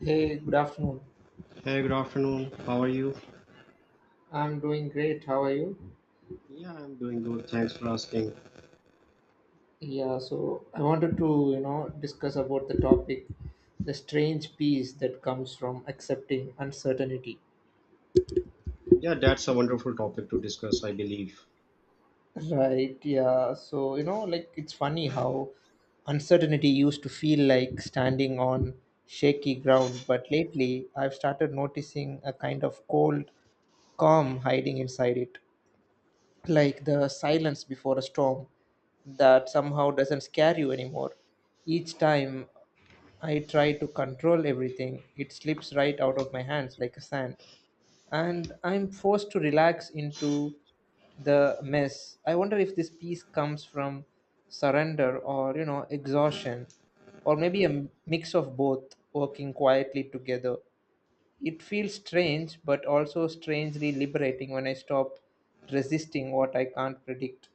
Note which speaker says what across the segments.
Speaker 1: Hey, good afternoon.
Speaker 2: Hey, good afternoon. How are you?
Speaker 1: I'm doing great. How are you?
Speaker 2: Yeah, I'm doing good. Thanks for asking.
Speaker 1: Yeah, so I wanted to, you know, discuss about the topic, the strange peace that comes from accepting uncertainty.
Speaker 2: Yeah, that's a wonderful topic to discuss, I believe.
Speaker 1: Right, yeah. So, you know, like it's funny how uncertainty used to feel like standing on shaky ground, but lately I've started noticing a kind of cold calm hiding inside it, like the silence before a storm that somehow doesn't scare you anymore. Each time I try to control everything, it slips right out of my hands like a sand, and I'm forced to relax into the mess. I wonder if this peace comes from surrender or, you know, exhaustion, or maybe a mix of both working quietly together. It feels strange, but also strangely liberating when I stop resisting what I can't predict.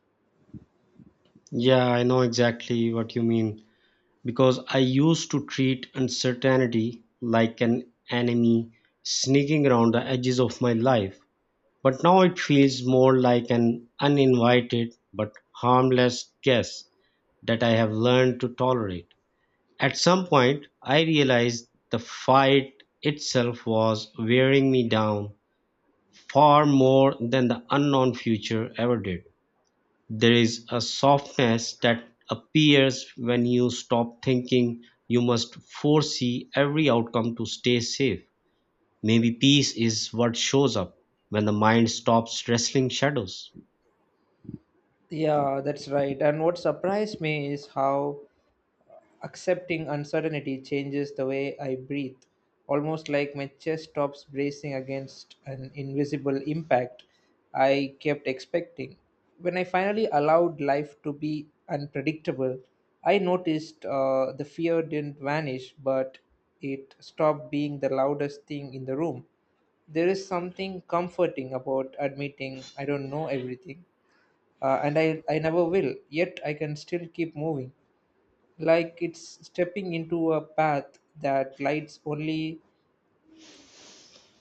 Speaker 2: Yeah, I know exactly what you mean because I used to treat uncertainty like an enemy sneaking around the edges of my life. But now it feels more like an uninvited but harmless guest that I have learned to tolerate. At some point, I realized the fight itself was wearing me down far more than the unknown future ever did. There is a softness that appears when you stop thinking you must foresee every outcome to stay safe. Maybe peace is what shows up when the mind stops wrestling shadows.
Speaker 1: Yeah, that's right. And what surprised me is how accepting uncertainty changes the way I breathe, almost like my chest stops bracing against an invisible impact I kept expecting. When I finally allowed life to be unpredictable, I noticed the fear didn't vanish, but it stopped being the loudest thing in the room. There is something comforting about admitting I don't know everything, and I never will, yet I can still keep moving, like it's stepping into a path that lights only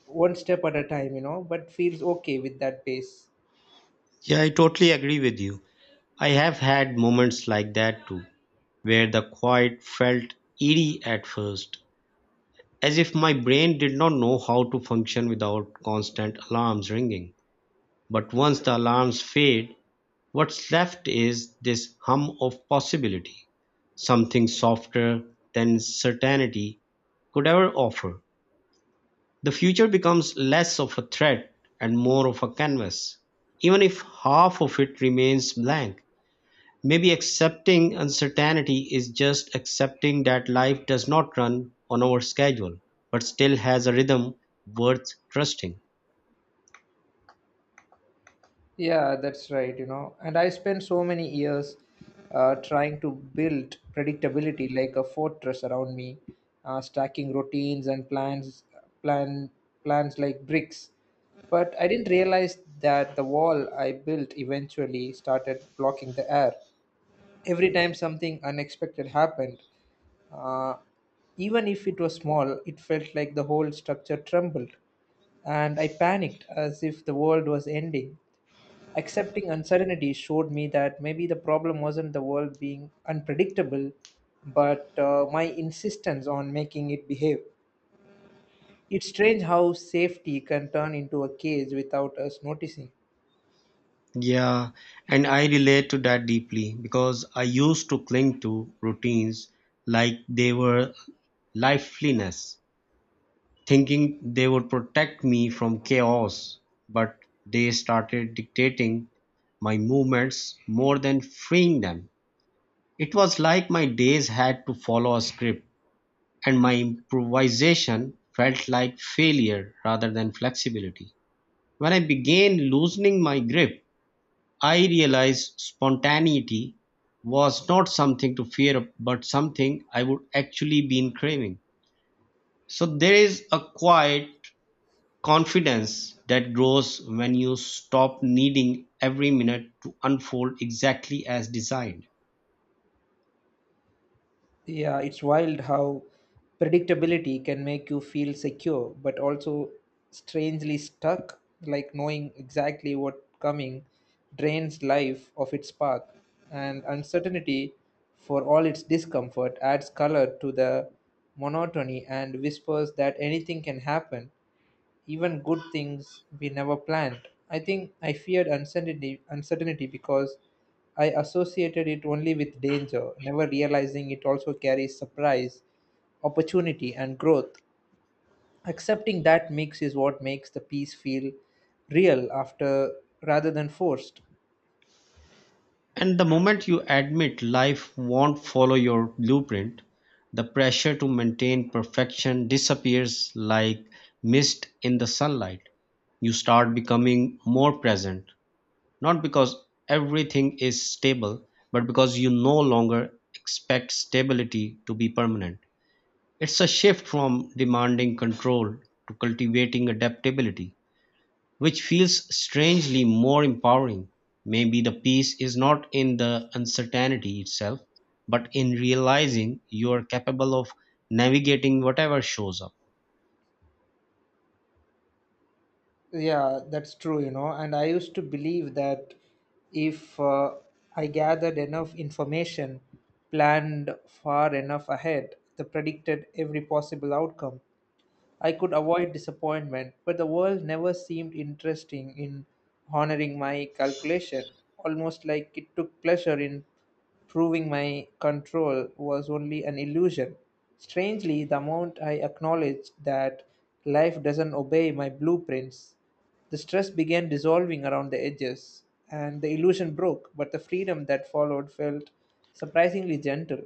Speaker 1: one step at a time, you know, but feels okay with that pace.
Speaker 2: Yeah, I totally agree with you. I have had moments like that too, where the quiet felt eerie at first, as if my brain did not know how to function without constant alarms ringing. But once the alarms fade, what's left is this hum of possibility, something softer than certainty could ever offer. The future becomes less of a threat and more of a canvas, even if half of it remains blank. Maybe accepting uncertainty is just accepting that life does not run on our schedule, but still has a rhythm worth trusting.
Speaker 1: Yeah, that's right, you know, and I spent so many years trying to build predictability like a fortress around me, stacking routines and plan plans like bricks, but I didn't realize that the wall I built eventually started blocking the air. Every time something unexpected happened, Uh, even if it was small, it felt like the whole structure trembled, and I panicked as if the world was ending. Accepting uncertainty showed me that maybe the problem wasn't the world being unpredictable, but my insistence on making it behave. It's strange how safety can turn into a cage without us noticing.
Speaker 2: Yeah, and I relate to that deeply because I used to cling to routines like they were lifeliness, thinking they would protect me from chaos, but they started dictating my movements more than freeing them. It was like my days had to follow a script, and my improvisation felt like failure rather than flexibility. When I began loosening my grip, I realized spontaneity was not something to fear, but something I would actually been craving. So there is a quiet confidence that grows when you stop needing every minute to unfold exactly as designed.
Speaker 1: Yeah, it's wild how predictability can make you feel secure, but also strangely stuck, like knowing exactly what coming drains life of its spark. And uncertainty, for all its discomfort, adds color to the monotony and whispers that anything can happen, even good things we never planned. I think I feared uncertainty because I associated it only with danger, never realizing it also carries surprise, opportunity, and growth. Accepting that mix is what makes the piece feel real, after rather than forced.
Speaker 2: And the moment you admit life won't follow your blueprint, the pressure to maintain perfection disappears like mist in the sunlight. You start becoming more present, not because everything is stable, but because you no longer expect stability to be permanent. It's a shift from demanding control to cultivating adaptability, which feels strangely more empowering. Maybe the peace is not in the uncertainty itself, but in realizing you are capable of navigating whatever shows up.
Speaker 1: Yeah, that's true, you know. And I used to believe that if I gathered enough information, planned far enough ahead, the predicted every possible outcome, I could avoid disappointment, but the world never seemed interesting in honoring my calculation, almost like it took pleasure in proving my control was only an illusion. Strangely, the amount I acknowledged that life doesn't obey my blueprints, the stress began dissolving around the edges, and the illusion broke, but the freedom that followed felt surprisingly gentle.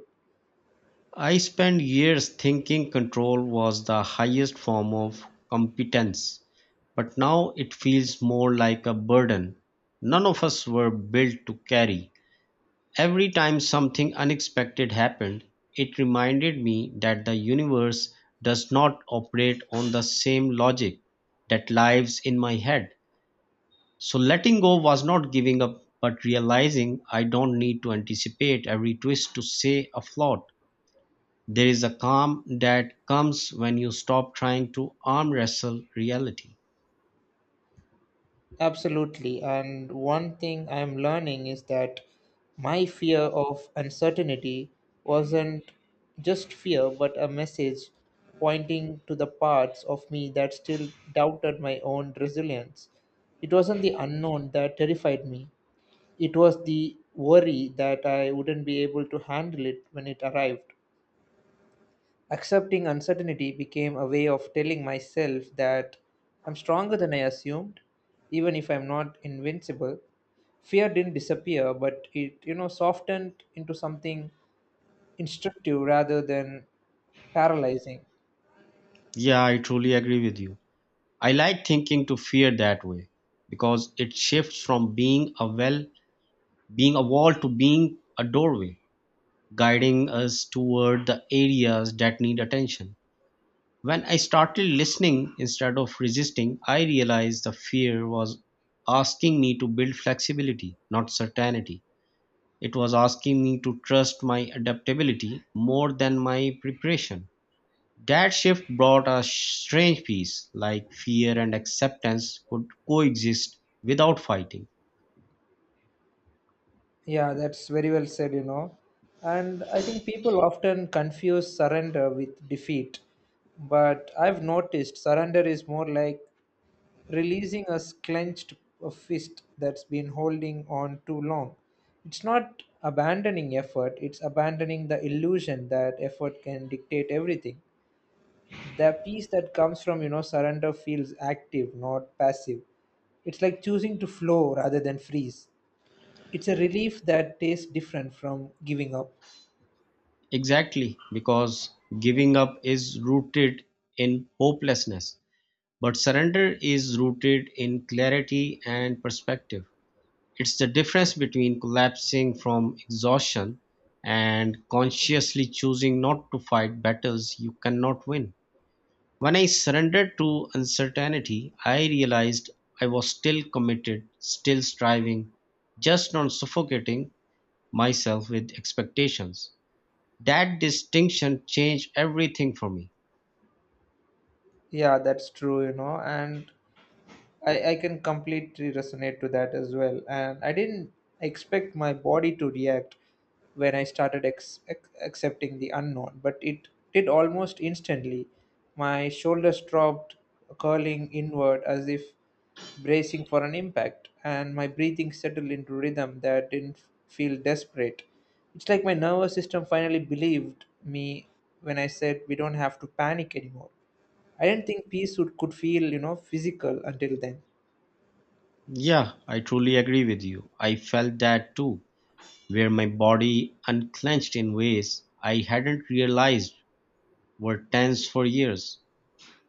Speaker 2: I spent years thinking control was the highest form of competence, but now it feels more like a burden. None of us were built to carry. Every time something unexpected happened, it reminded me that the universe does not operate on the same logic that lives in my head. So letting go was not giving up, but realizing I don't need to anticipate every twist to say a flaw. There is a calm that comes when you stop trying to arm wrestle reality.
Speaker 1: Absolutely. And one thing I'm learning is that my fear of uncertainty wasn't just fear, but a message pointing to the parts of me that still doubted my own resilience. It wasn't the unknown that terrified me, it was the worry that I wouldn't be able to handle it when it arrived. Accepting uncertainty became a way of telling myself that I'm stronger than I assumed, even if I'm not invincible. Fear didn't disappear, but it, you know, softened into something instructive rather than paralyzing.
Speaker 2: Yeah, I truly agree with you. I like thinking to fear that way because it shifts from being a well, being a wall to being a doorway, guiding us toward the areas that need attention. When I started listening instead of resisting, I realized the fear was asking me to build flexibility, not certainty. It was asking me to trust my adaptability more than my preparation. That shift brought a strange peace, like fear and acceptance could coexist without fighting.
Speaker 1: Yeah, that's very well said, you know. And I think people often confuse surrender with defeat. But I've noticed surrender is more like releasing a clenched fist that's been holding on too long. It's not abandoning effort, it's abandoning the illusion that effort can dictate everything. The peace that comes from, you know, surrender feels active, not passive. It's like choosing to flow rather than freeze. It's a relief that tastes different from giving up.
Speaker 2: Exactly, because giving up is rooted in hopelessness, but surrender is rooted in clarity and perspective. It's the difference between collapsing from exhaustion and consciously choosing not to fight battles you cannot win. When I surrendered to uncertainty, I realized I was still committed, still striving, just not suffocating myself with expectations. That distinction changed everything for me.
Speaker 1: Yeah, that's true, you know, and I can completely resonate to that as well. And I didn't expect my body to react when I started accepting the unknown, but it did almost instantly. My shoulders dropped, curling inward as if bracing for an impact, and my breathing settled into rhythm that didn't feel desperate. It's like my nervous system finally believed me when I said we don't have to panic anymore. I didn't think peace would, could feel, you know, physical until then.
Speaker 2: Yeah, I truly agree with you. I felt that too, where my body unclenched in ways I hadn't realized were tense for years.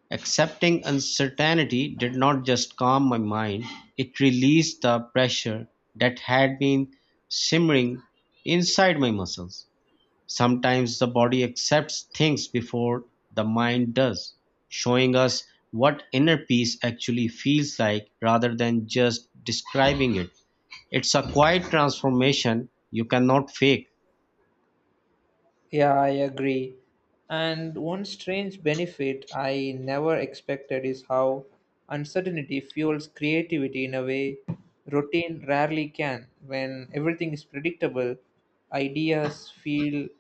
Speaker 2: Accepting uncertainty did not just calm my mind, it released the pressure that had been simmering inside my muscles. Sometimes the body accepts things before the mind does, showing us what inner peace actually feels like rather than just describing it. It's a quiet transformation you cannot fake.
Speaker 1: Yeah, I agree. And one strange benefit I never expected is how uncertainty fuels creativity in a way routine rarely can. When everything is predictable, ideas feel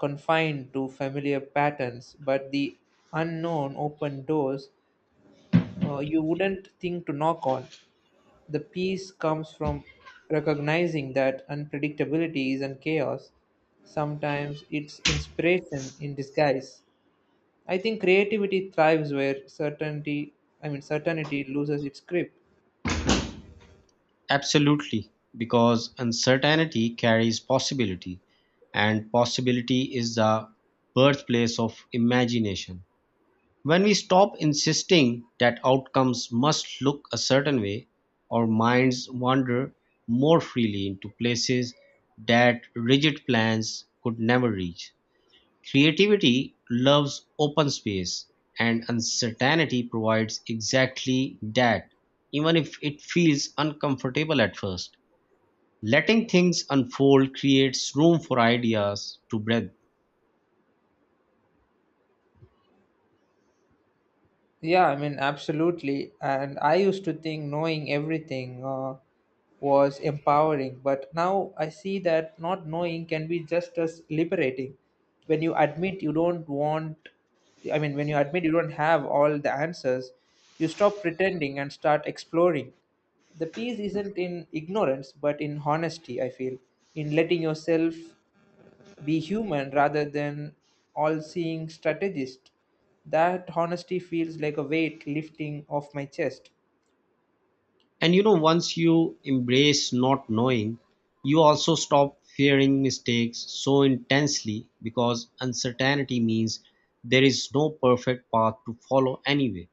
Speaker 1: confined to familiar patterns, but the unknown open doors you wouldn't think to knock on. The peace comes from recognizing that unpredictability and chaos, sometimes it's inspiration in disguise. I think creativity thrives where certainty I mean certainty loses its grip.
Speaker 2: Absolutely, because uncertainty carries possibility, and possibility is the birthplace of imagination. When we stop insisting that outcomes must look a certain way, our minds wander more freely into places that rigid plans could never reach. Creativity loves open space, and uncertainty provides exactly that, even if it feels uncomfortable at first, letting things unfold creates room for ideas to breathe.
Speaker 1: Yeah, I mean, absolutely. And I used to think knowing everything was empowering, but now I see that not knowing can be just as liberating. When you admit you don't want, I mean, when you admit you don't have all the answers, you stop pretending and start exploring. The peace isn't in ignorance, but in honesty, I feel, in letting yourself be human rather than all seeing strategist. That honesty feels like a weight lifting off my chest.
Speaker 2: And you know, once you embrace not knowing, you also stop fearing mistakes so intensely, because uncertainty means there is no perfect path to follow anyway.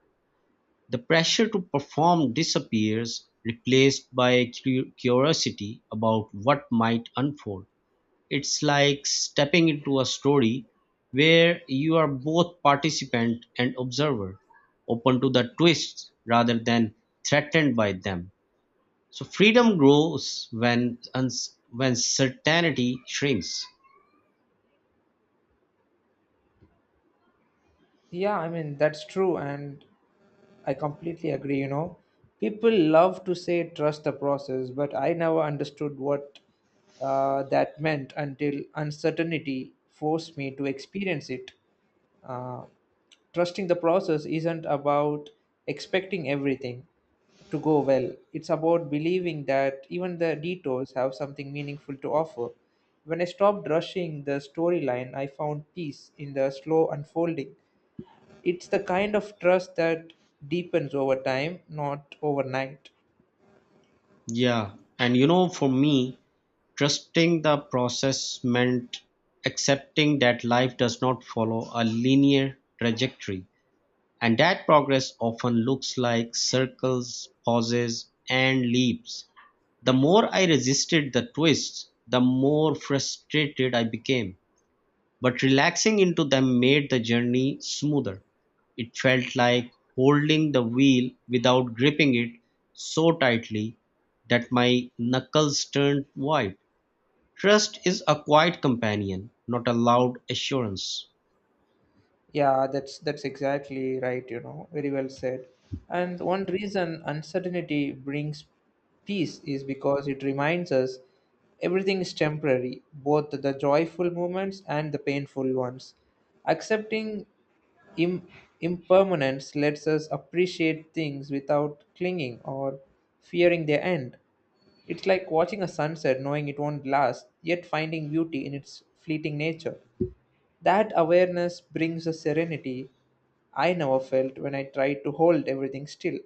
Speaker 2: The pressure to perform disappears, replaced by curiosity about what might unfold. It's like stepping into a story where you are both participant and observer, open to the twists rather than threatened by them. So freedom grows when certainty shrinks.
Speaker 1: Yeah, I mean, that's true, and I completely agree. You know, people love to say trust the process, but I never understood what that meant until uncertainty forced me to experience it. Uh, Trusting the process isn't about expecting everything to go well. It's about believing that even the detours have something meaningful to offer. When I stopped rushing the storyline, I found peace in the slow unfolding. It's the kind of trust that deepens over time, not overnight.
Speaker 2: Yeah, and you know, for me, trusting the process meant accepting that life does not follow a linear trajectory, and that progress often looks like circles, pauses, and leaps. The more I resisted the twists, the more frustrated I became. But relaxing into them made the journey smoother. It felt like holding the wheel without gripping it so tightly that my knuckles turned white. Trust is a quiet companion, not a loud assurance.
Speaker 1: Yeah, that's exactly right, you know. Very well said. And one reason uncertainty brings peace is because it reminds us everything is temporary, both the joyful moments and the painful ones. Accepting Im- impermanence lets us appreciate things without clinging or fearing their end. It's like watching a sunset knowing it won't last, yet finding beauty in its fleeting nature. That awareness brings a serenity I never felt when I tried to hold everything still.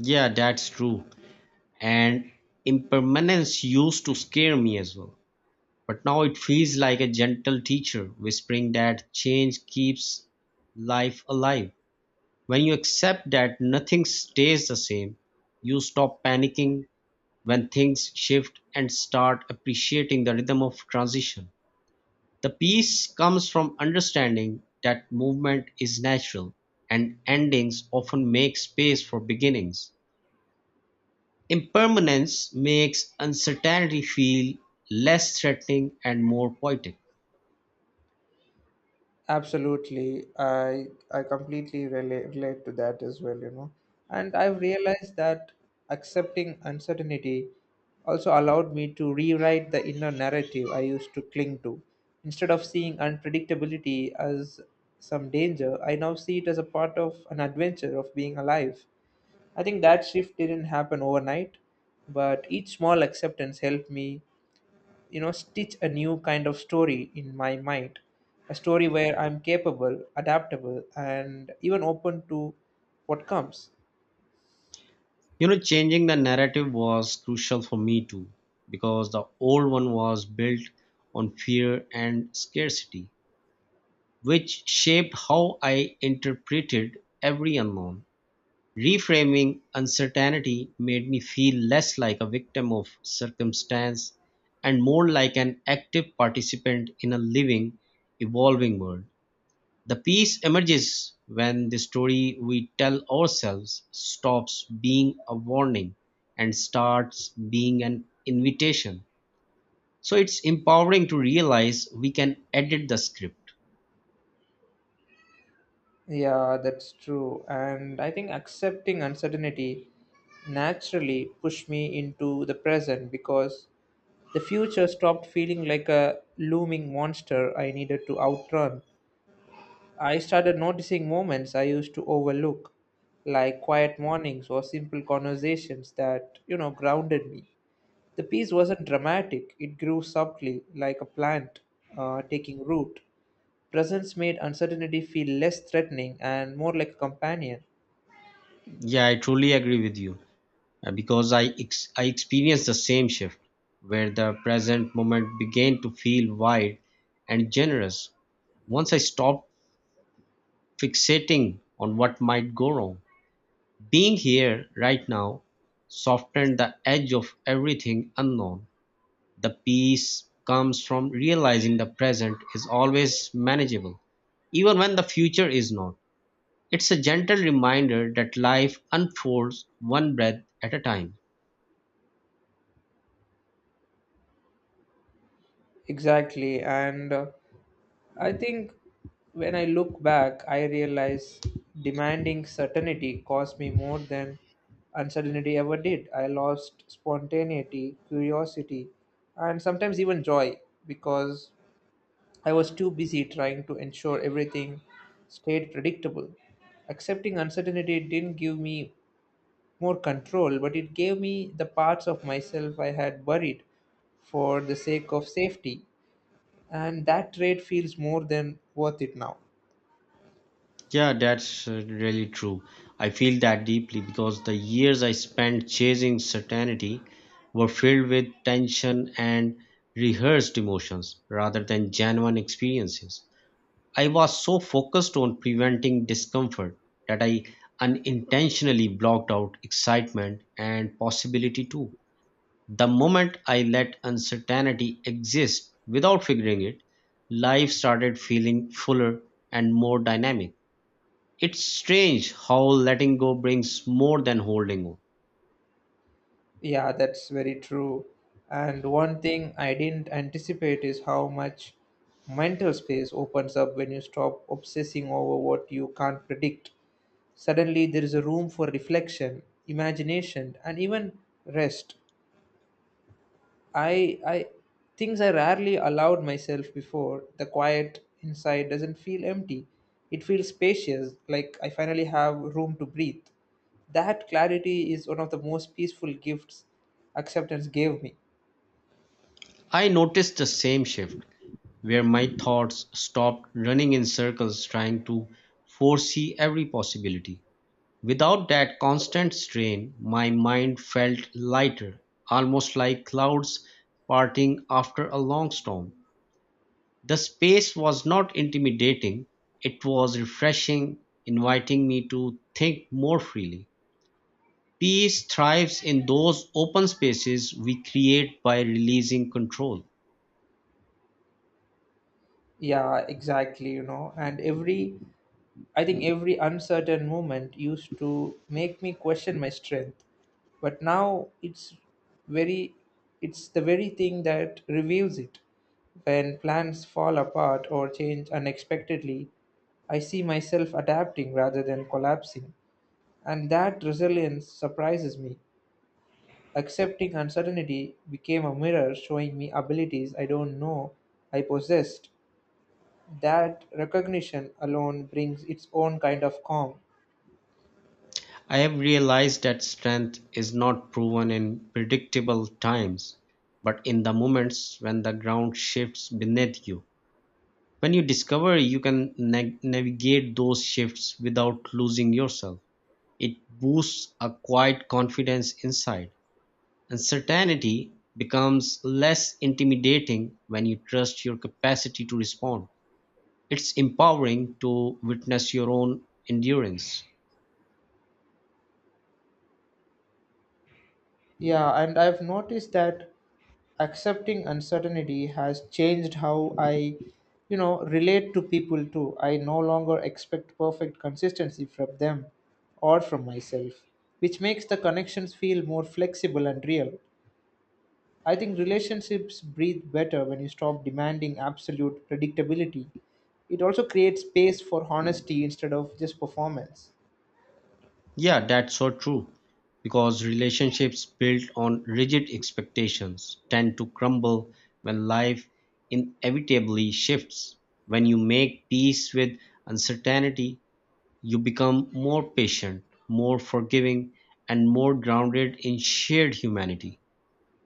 Speaker 2: Yeah, that's true. And impermanence used to scare me as well. But now it feels like a gentle teacher whispering that change keeps life alive. When you accept that nothing stays the same, you stop panicking when things shift and start appreciating the rhythm of transition. The peace comes from understanding that movement is natural and endings often make space for beginnings. Impermanence makes uncertainty feel less threatening and more poetic.
Speaker 1: Absolutely, I completely relate to that as well, you know. And I've realized that accepting uncertainty also allowed me to rewrite the inner narrative I used to cling to. Instead of seeing unpredictability as some danger, I now see it as a part of an adventure of being alive. I think that shift didn't happen overnight, but each small acceptance helped me, you know, stitch a new kind of story in my mind. A story where I'm capable, adaptable, and even open to what comes.
Speaker 2: You know, changing the narrative was crucial for me too, because the old one was built on fear and scarcity, which shaped how I interpreted every unknown. Reframing uncertainty made me feel less like a victim of circumstance and more like an active participant in a living, evolving world. The peace emerges when the story we tell ourselves stops being a warning and starts being an invitation. So it's empowering to realize we can edit the script.
Speaker 1: Yeah, that's true. And I think accepting uncertainty naturally pushed me into the present because the future stopped feeling like a looming monster I needed to outrun. I started noticing moments I used to overlook, like quiet mornings or simple conversations that, you know, grounded me. The peace wasn't dramatic, it grew subtly, like a plant taking root. Presence made uncertainty feel less threatening and more like a companion.
Speaker 2: Yeah, I truly agree with you, because I experienced the same shift where the present moment began to feel wide and generous once I stopped fixating on what might go wrong. Being here right now softened the edge of everything unknown. The peace comes from realizing the present is always manageable, even when the future is not. It's a gentle reminder that life unfolds one breath at a time.
Speaker 1: Exactly, and I think when I look back, I realize demanding certainty cost me more than uncertainty ever did. I lost spontaneity, curiosity, and sometimes even joy because I was too busy trying to ensure everything stayed predictable. Accepting uncertainty didn't give me more control, but it gave me the parts of myself I had buried for the sake of safety. And that trade feels more than worth it now.
Speaker 2: Yeah, that's really true. I feel that deeply because the years I spent chasing certainty were filled with tension and rehearsed emotions rather than genuine experiences. I was so focused on preventing discomfort that I unintentionally blocked out excitement and possibility too. The moment I let uncertainty exist without figuring it, life started feeling fuller and more dynamic. It's strange how letting go brings more than holding on.
Speaker 1: Yeah, that's very true. And one thing I didn't anticipate is how much mental space opens up when you stop obsessing over what you can't predict. Suddenly, there is a room for reflection, imagination, and even rest. I, I, Things I rarely allowed myself before. The quiet inside doesn't feel empty. It feels spacious, like I finally have room to breathe. That clarity is one of the most peaceful gifts acceptance gave me.
Speaker 2: I noticed the same shift where my thoughts stopped running in circles trying to foresee every possibility. Without that constant strain, my mind felt lighter, almost like clouds parting after a long storm. The space was not intimidating, it was refreshing, inviting me to think more freely. Peace thrives in those open spaces we create by releasing control.
Speaker 1: Yeah, exactly, you know, and every I think every uncertain moment used to make me question my strength. But now it's very it's the very thing that reveals it. When plans fall apart or change unexpectedly, I see myself adapting rather than collapsing. And that resilience surprises me. Accepting uncertainty became a mirror showing me abilities I don't know I possessed. That recognition alone brings its own kind of calm.
Speaker 2: I have realized that strength is not proven in predictable times, but in the moments when the ground shifts beneath you. When you discover you can navigate those shifts without losing yourself, it boosts a quiet confidence inside. Uncertainty becomes less intimidating when you trust your capacity to respond. It's empowering to witness your own endurance.
Speaker 1: Yeah, and I've noticed that accepting uncertainty has changed how I, you know, relate to people too. I no longer expect perfect consistency from them or from myself, which makes the connections feel more flexible and real. I think relationships breathe better when you stop demanding absolute predictability. It also creates space for honesty instead of just performance.
Speaker 2: Yeah, that's so true. Because relationships built on rigid expectations tend to crumble when life inevitably shifts. When you make peace with uncertainty, you become more patient, more forgiving, and more grounded in shared humanity.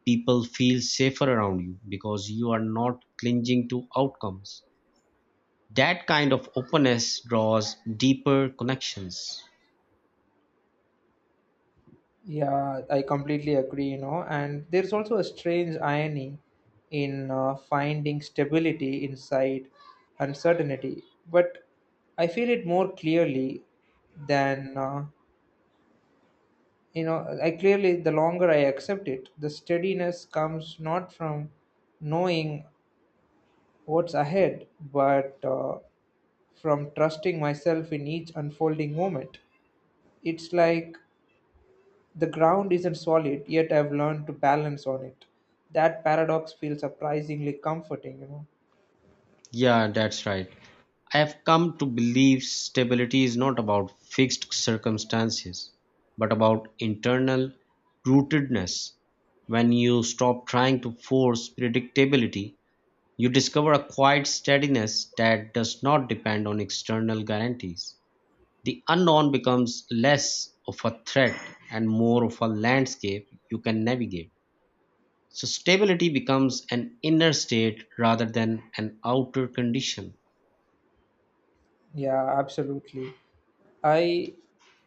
Speaker 2: People feel safer around you because you are not clinging to outcomes. That kind of openness draws deeper connections.
Speaker 1: Yeah, I completely agree, you know. And there's also a strange irony in finding stability inside uncertainty, but I feel it more clearly than, the longer I accept it, the steadiness comes not from knowing what's ahead, but from trusting myself in each unfolding moment. It's like the ground isn't solid, yet I've learned to balance on it. That paradox feels surprisingly comforting, you know.
Speaker 2: Yeah, that's right. I have come to believe stability is not about fixed circumstances, but about internal rootedness. When you stop trying to force predictability, you discover a quiet steadiness that does not depend on external guarantees. The unknown becomes less of a threat and more of a landscape you can navigate. So, stability becomes an inner state rather than an outer condition.
Speaker 1: Yeah, absolutely. I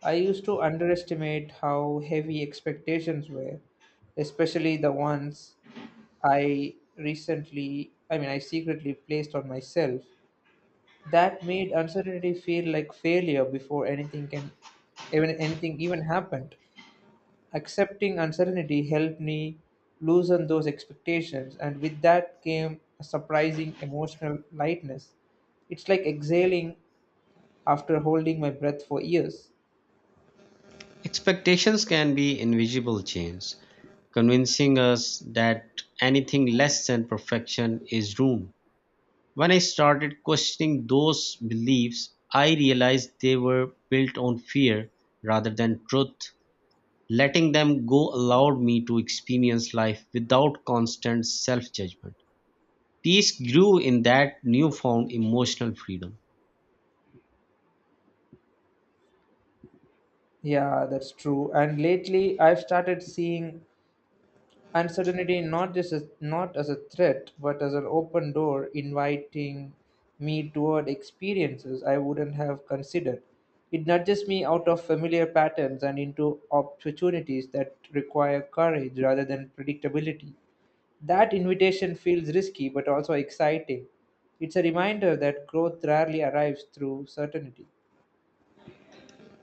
Speaker 1: I used to underestimate how heavy expectations were, especially the ones I recently, I mean, I secretly placed on myself. That made uncertainty feel like failure before anything even happened. Accepting uncertainty helped me loosen those expectations, and with that came a surprising emotional lightness. It's like exhaling after holding my breath for years.
Speaker 2: Expectations can be invisible chains, convincing us that anything less than perfection is ruin. When I started questioning those beliefs, I realized they were built on fear rather than truth. Letting them go allowed me to experience life without constant self judgment. Peace grew in that newfound emotional freedom.
Speaker 1: Yeah, that's true. And lately, I've started seeing uncertainty, not as a threat but as an open door inviting me toward experiences I wouldn't have considered. It nudges me out of familiar patterns and into opportunities that require courage rather than predictability. That invitation feels risky but also exciting. It's a reminder that growth rarely arrives through certainty.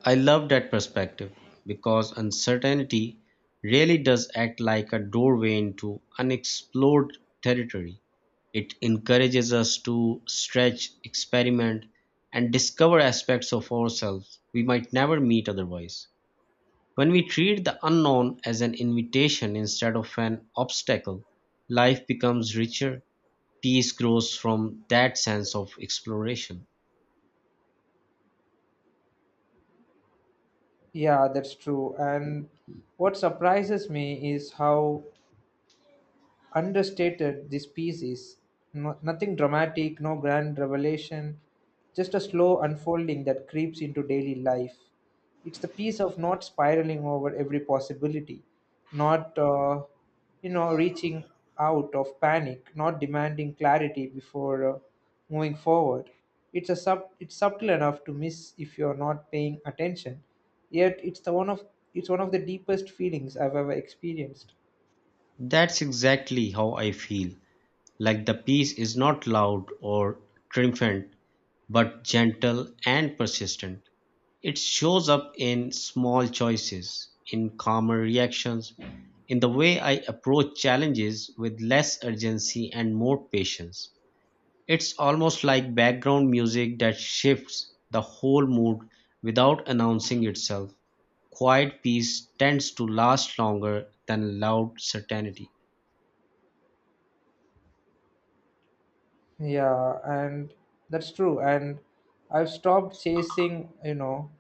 Speaker 2: I love that perspective because uncertainty really does act like a doorway into unexplored territory. It encourages us to stretch, experiment, and discover aspects of ourselves we might never meet otherwise. When we treat the unknown as an invitation instead of an obstacle, life becomes richer. Peace grows from that sense of exploration.
Speaker 1: Yeah, that's true. And what surprises me is how understated the species. No, nothing dramatic, no grand revelation, just a slow unfolding that creeps into daily life. It's the piece of not spiraling over every possibility, not, you know, reaching out of panic, not demanding clarity before moving forward. It's a sub. It's subtle enough to miss if you're not paying attention. Yet it's one of the deepest feelings I've ever experienced.
Speaker 2: That's exactly how I feel. Like, the peace is not loud or triumphant, but gentle and persistent. It shows up in small choices, in calmer reactions, in the way I approach challenges with less urgency and more patience. It's almost like background music that shifts the whole mood without announcing itself. Quiet peace tends to last longer than loud certainty.
Speaker 1: Yeah, and that's true. And I've stopped chasing, you know,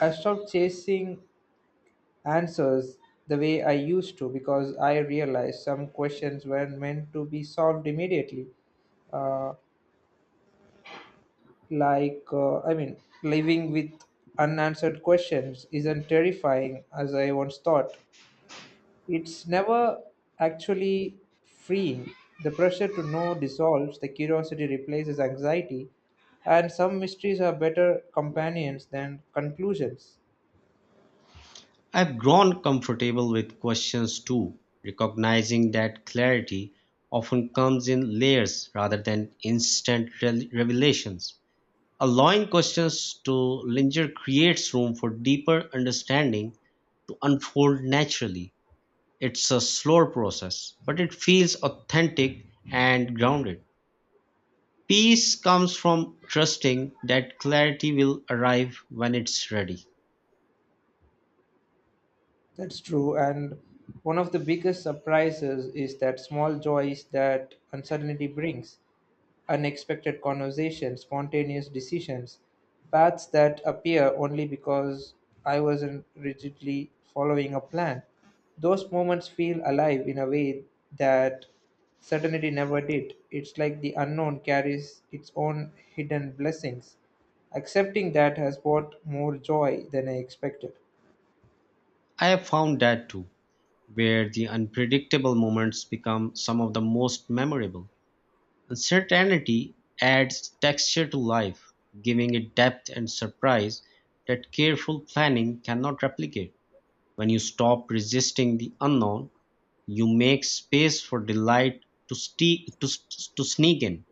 Speaker 1: I've stopped chasing answers the way I used to because I realized some questions weren't meant to be solved immediately. Uh, I mean, living with unanswered questions isn't terrifying as I once thought. It's never actually freeing. The pressure to know dissolves, the curiosity replaces anxiety, and some mysteries are better companions than conclusions.
Speaker 2: I've grown comfortable with questions too, recognizing that clarity often comes in layers rather than instant revelations. Allowing questions to linger creates room for deeper understanding to unfold naturally. It's a slower process, but it feels authentic and grounded. Peace comes from trusting that clarity will arrive when it's ready.
Speaker 1: That's true, and one of the biggest surprises is that small joys that uncertainty brings: unexpected conversations, spontaneous decisions, paths that appear only because I wasn't rigidly following a plan. Those moments feel alive in a way that certainty never did. It's like the unknown carries its own hidden blessings. Accepting that has brought more joy than I expected.
Speaker 2: I have found that too, where the unpredictable moments become some of the most memorable. Uncertainty adds texture to life, giving it depth and surprise that careful planning cannot replicate. When you stop resisting the unknown, you make space for delight to, to sneak in.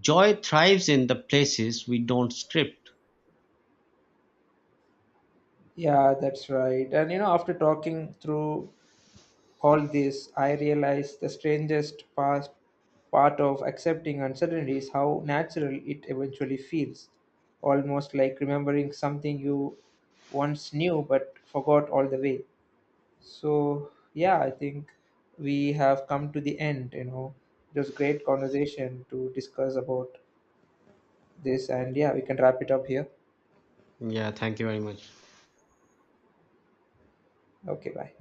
Speaker 2: Joy thrives in the places we don't script.
Speaker 1: Yeah, that's right. And you know, after talking through all this, I realized the strangest past part of accepting uncertainty is how natural it eventually feels. Almost like remembering something you once knew but forgot all the way. So, yeah, I think we have come to the end, you know. It was great conversation to discuss about this, and yeah, we can wrap it up here.
Speaker 2: Yeah, thank you very much.
Speaker 1: Okay, bye.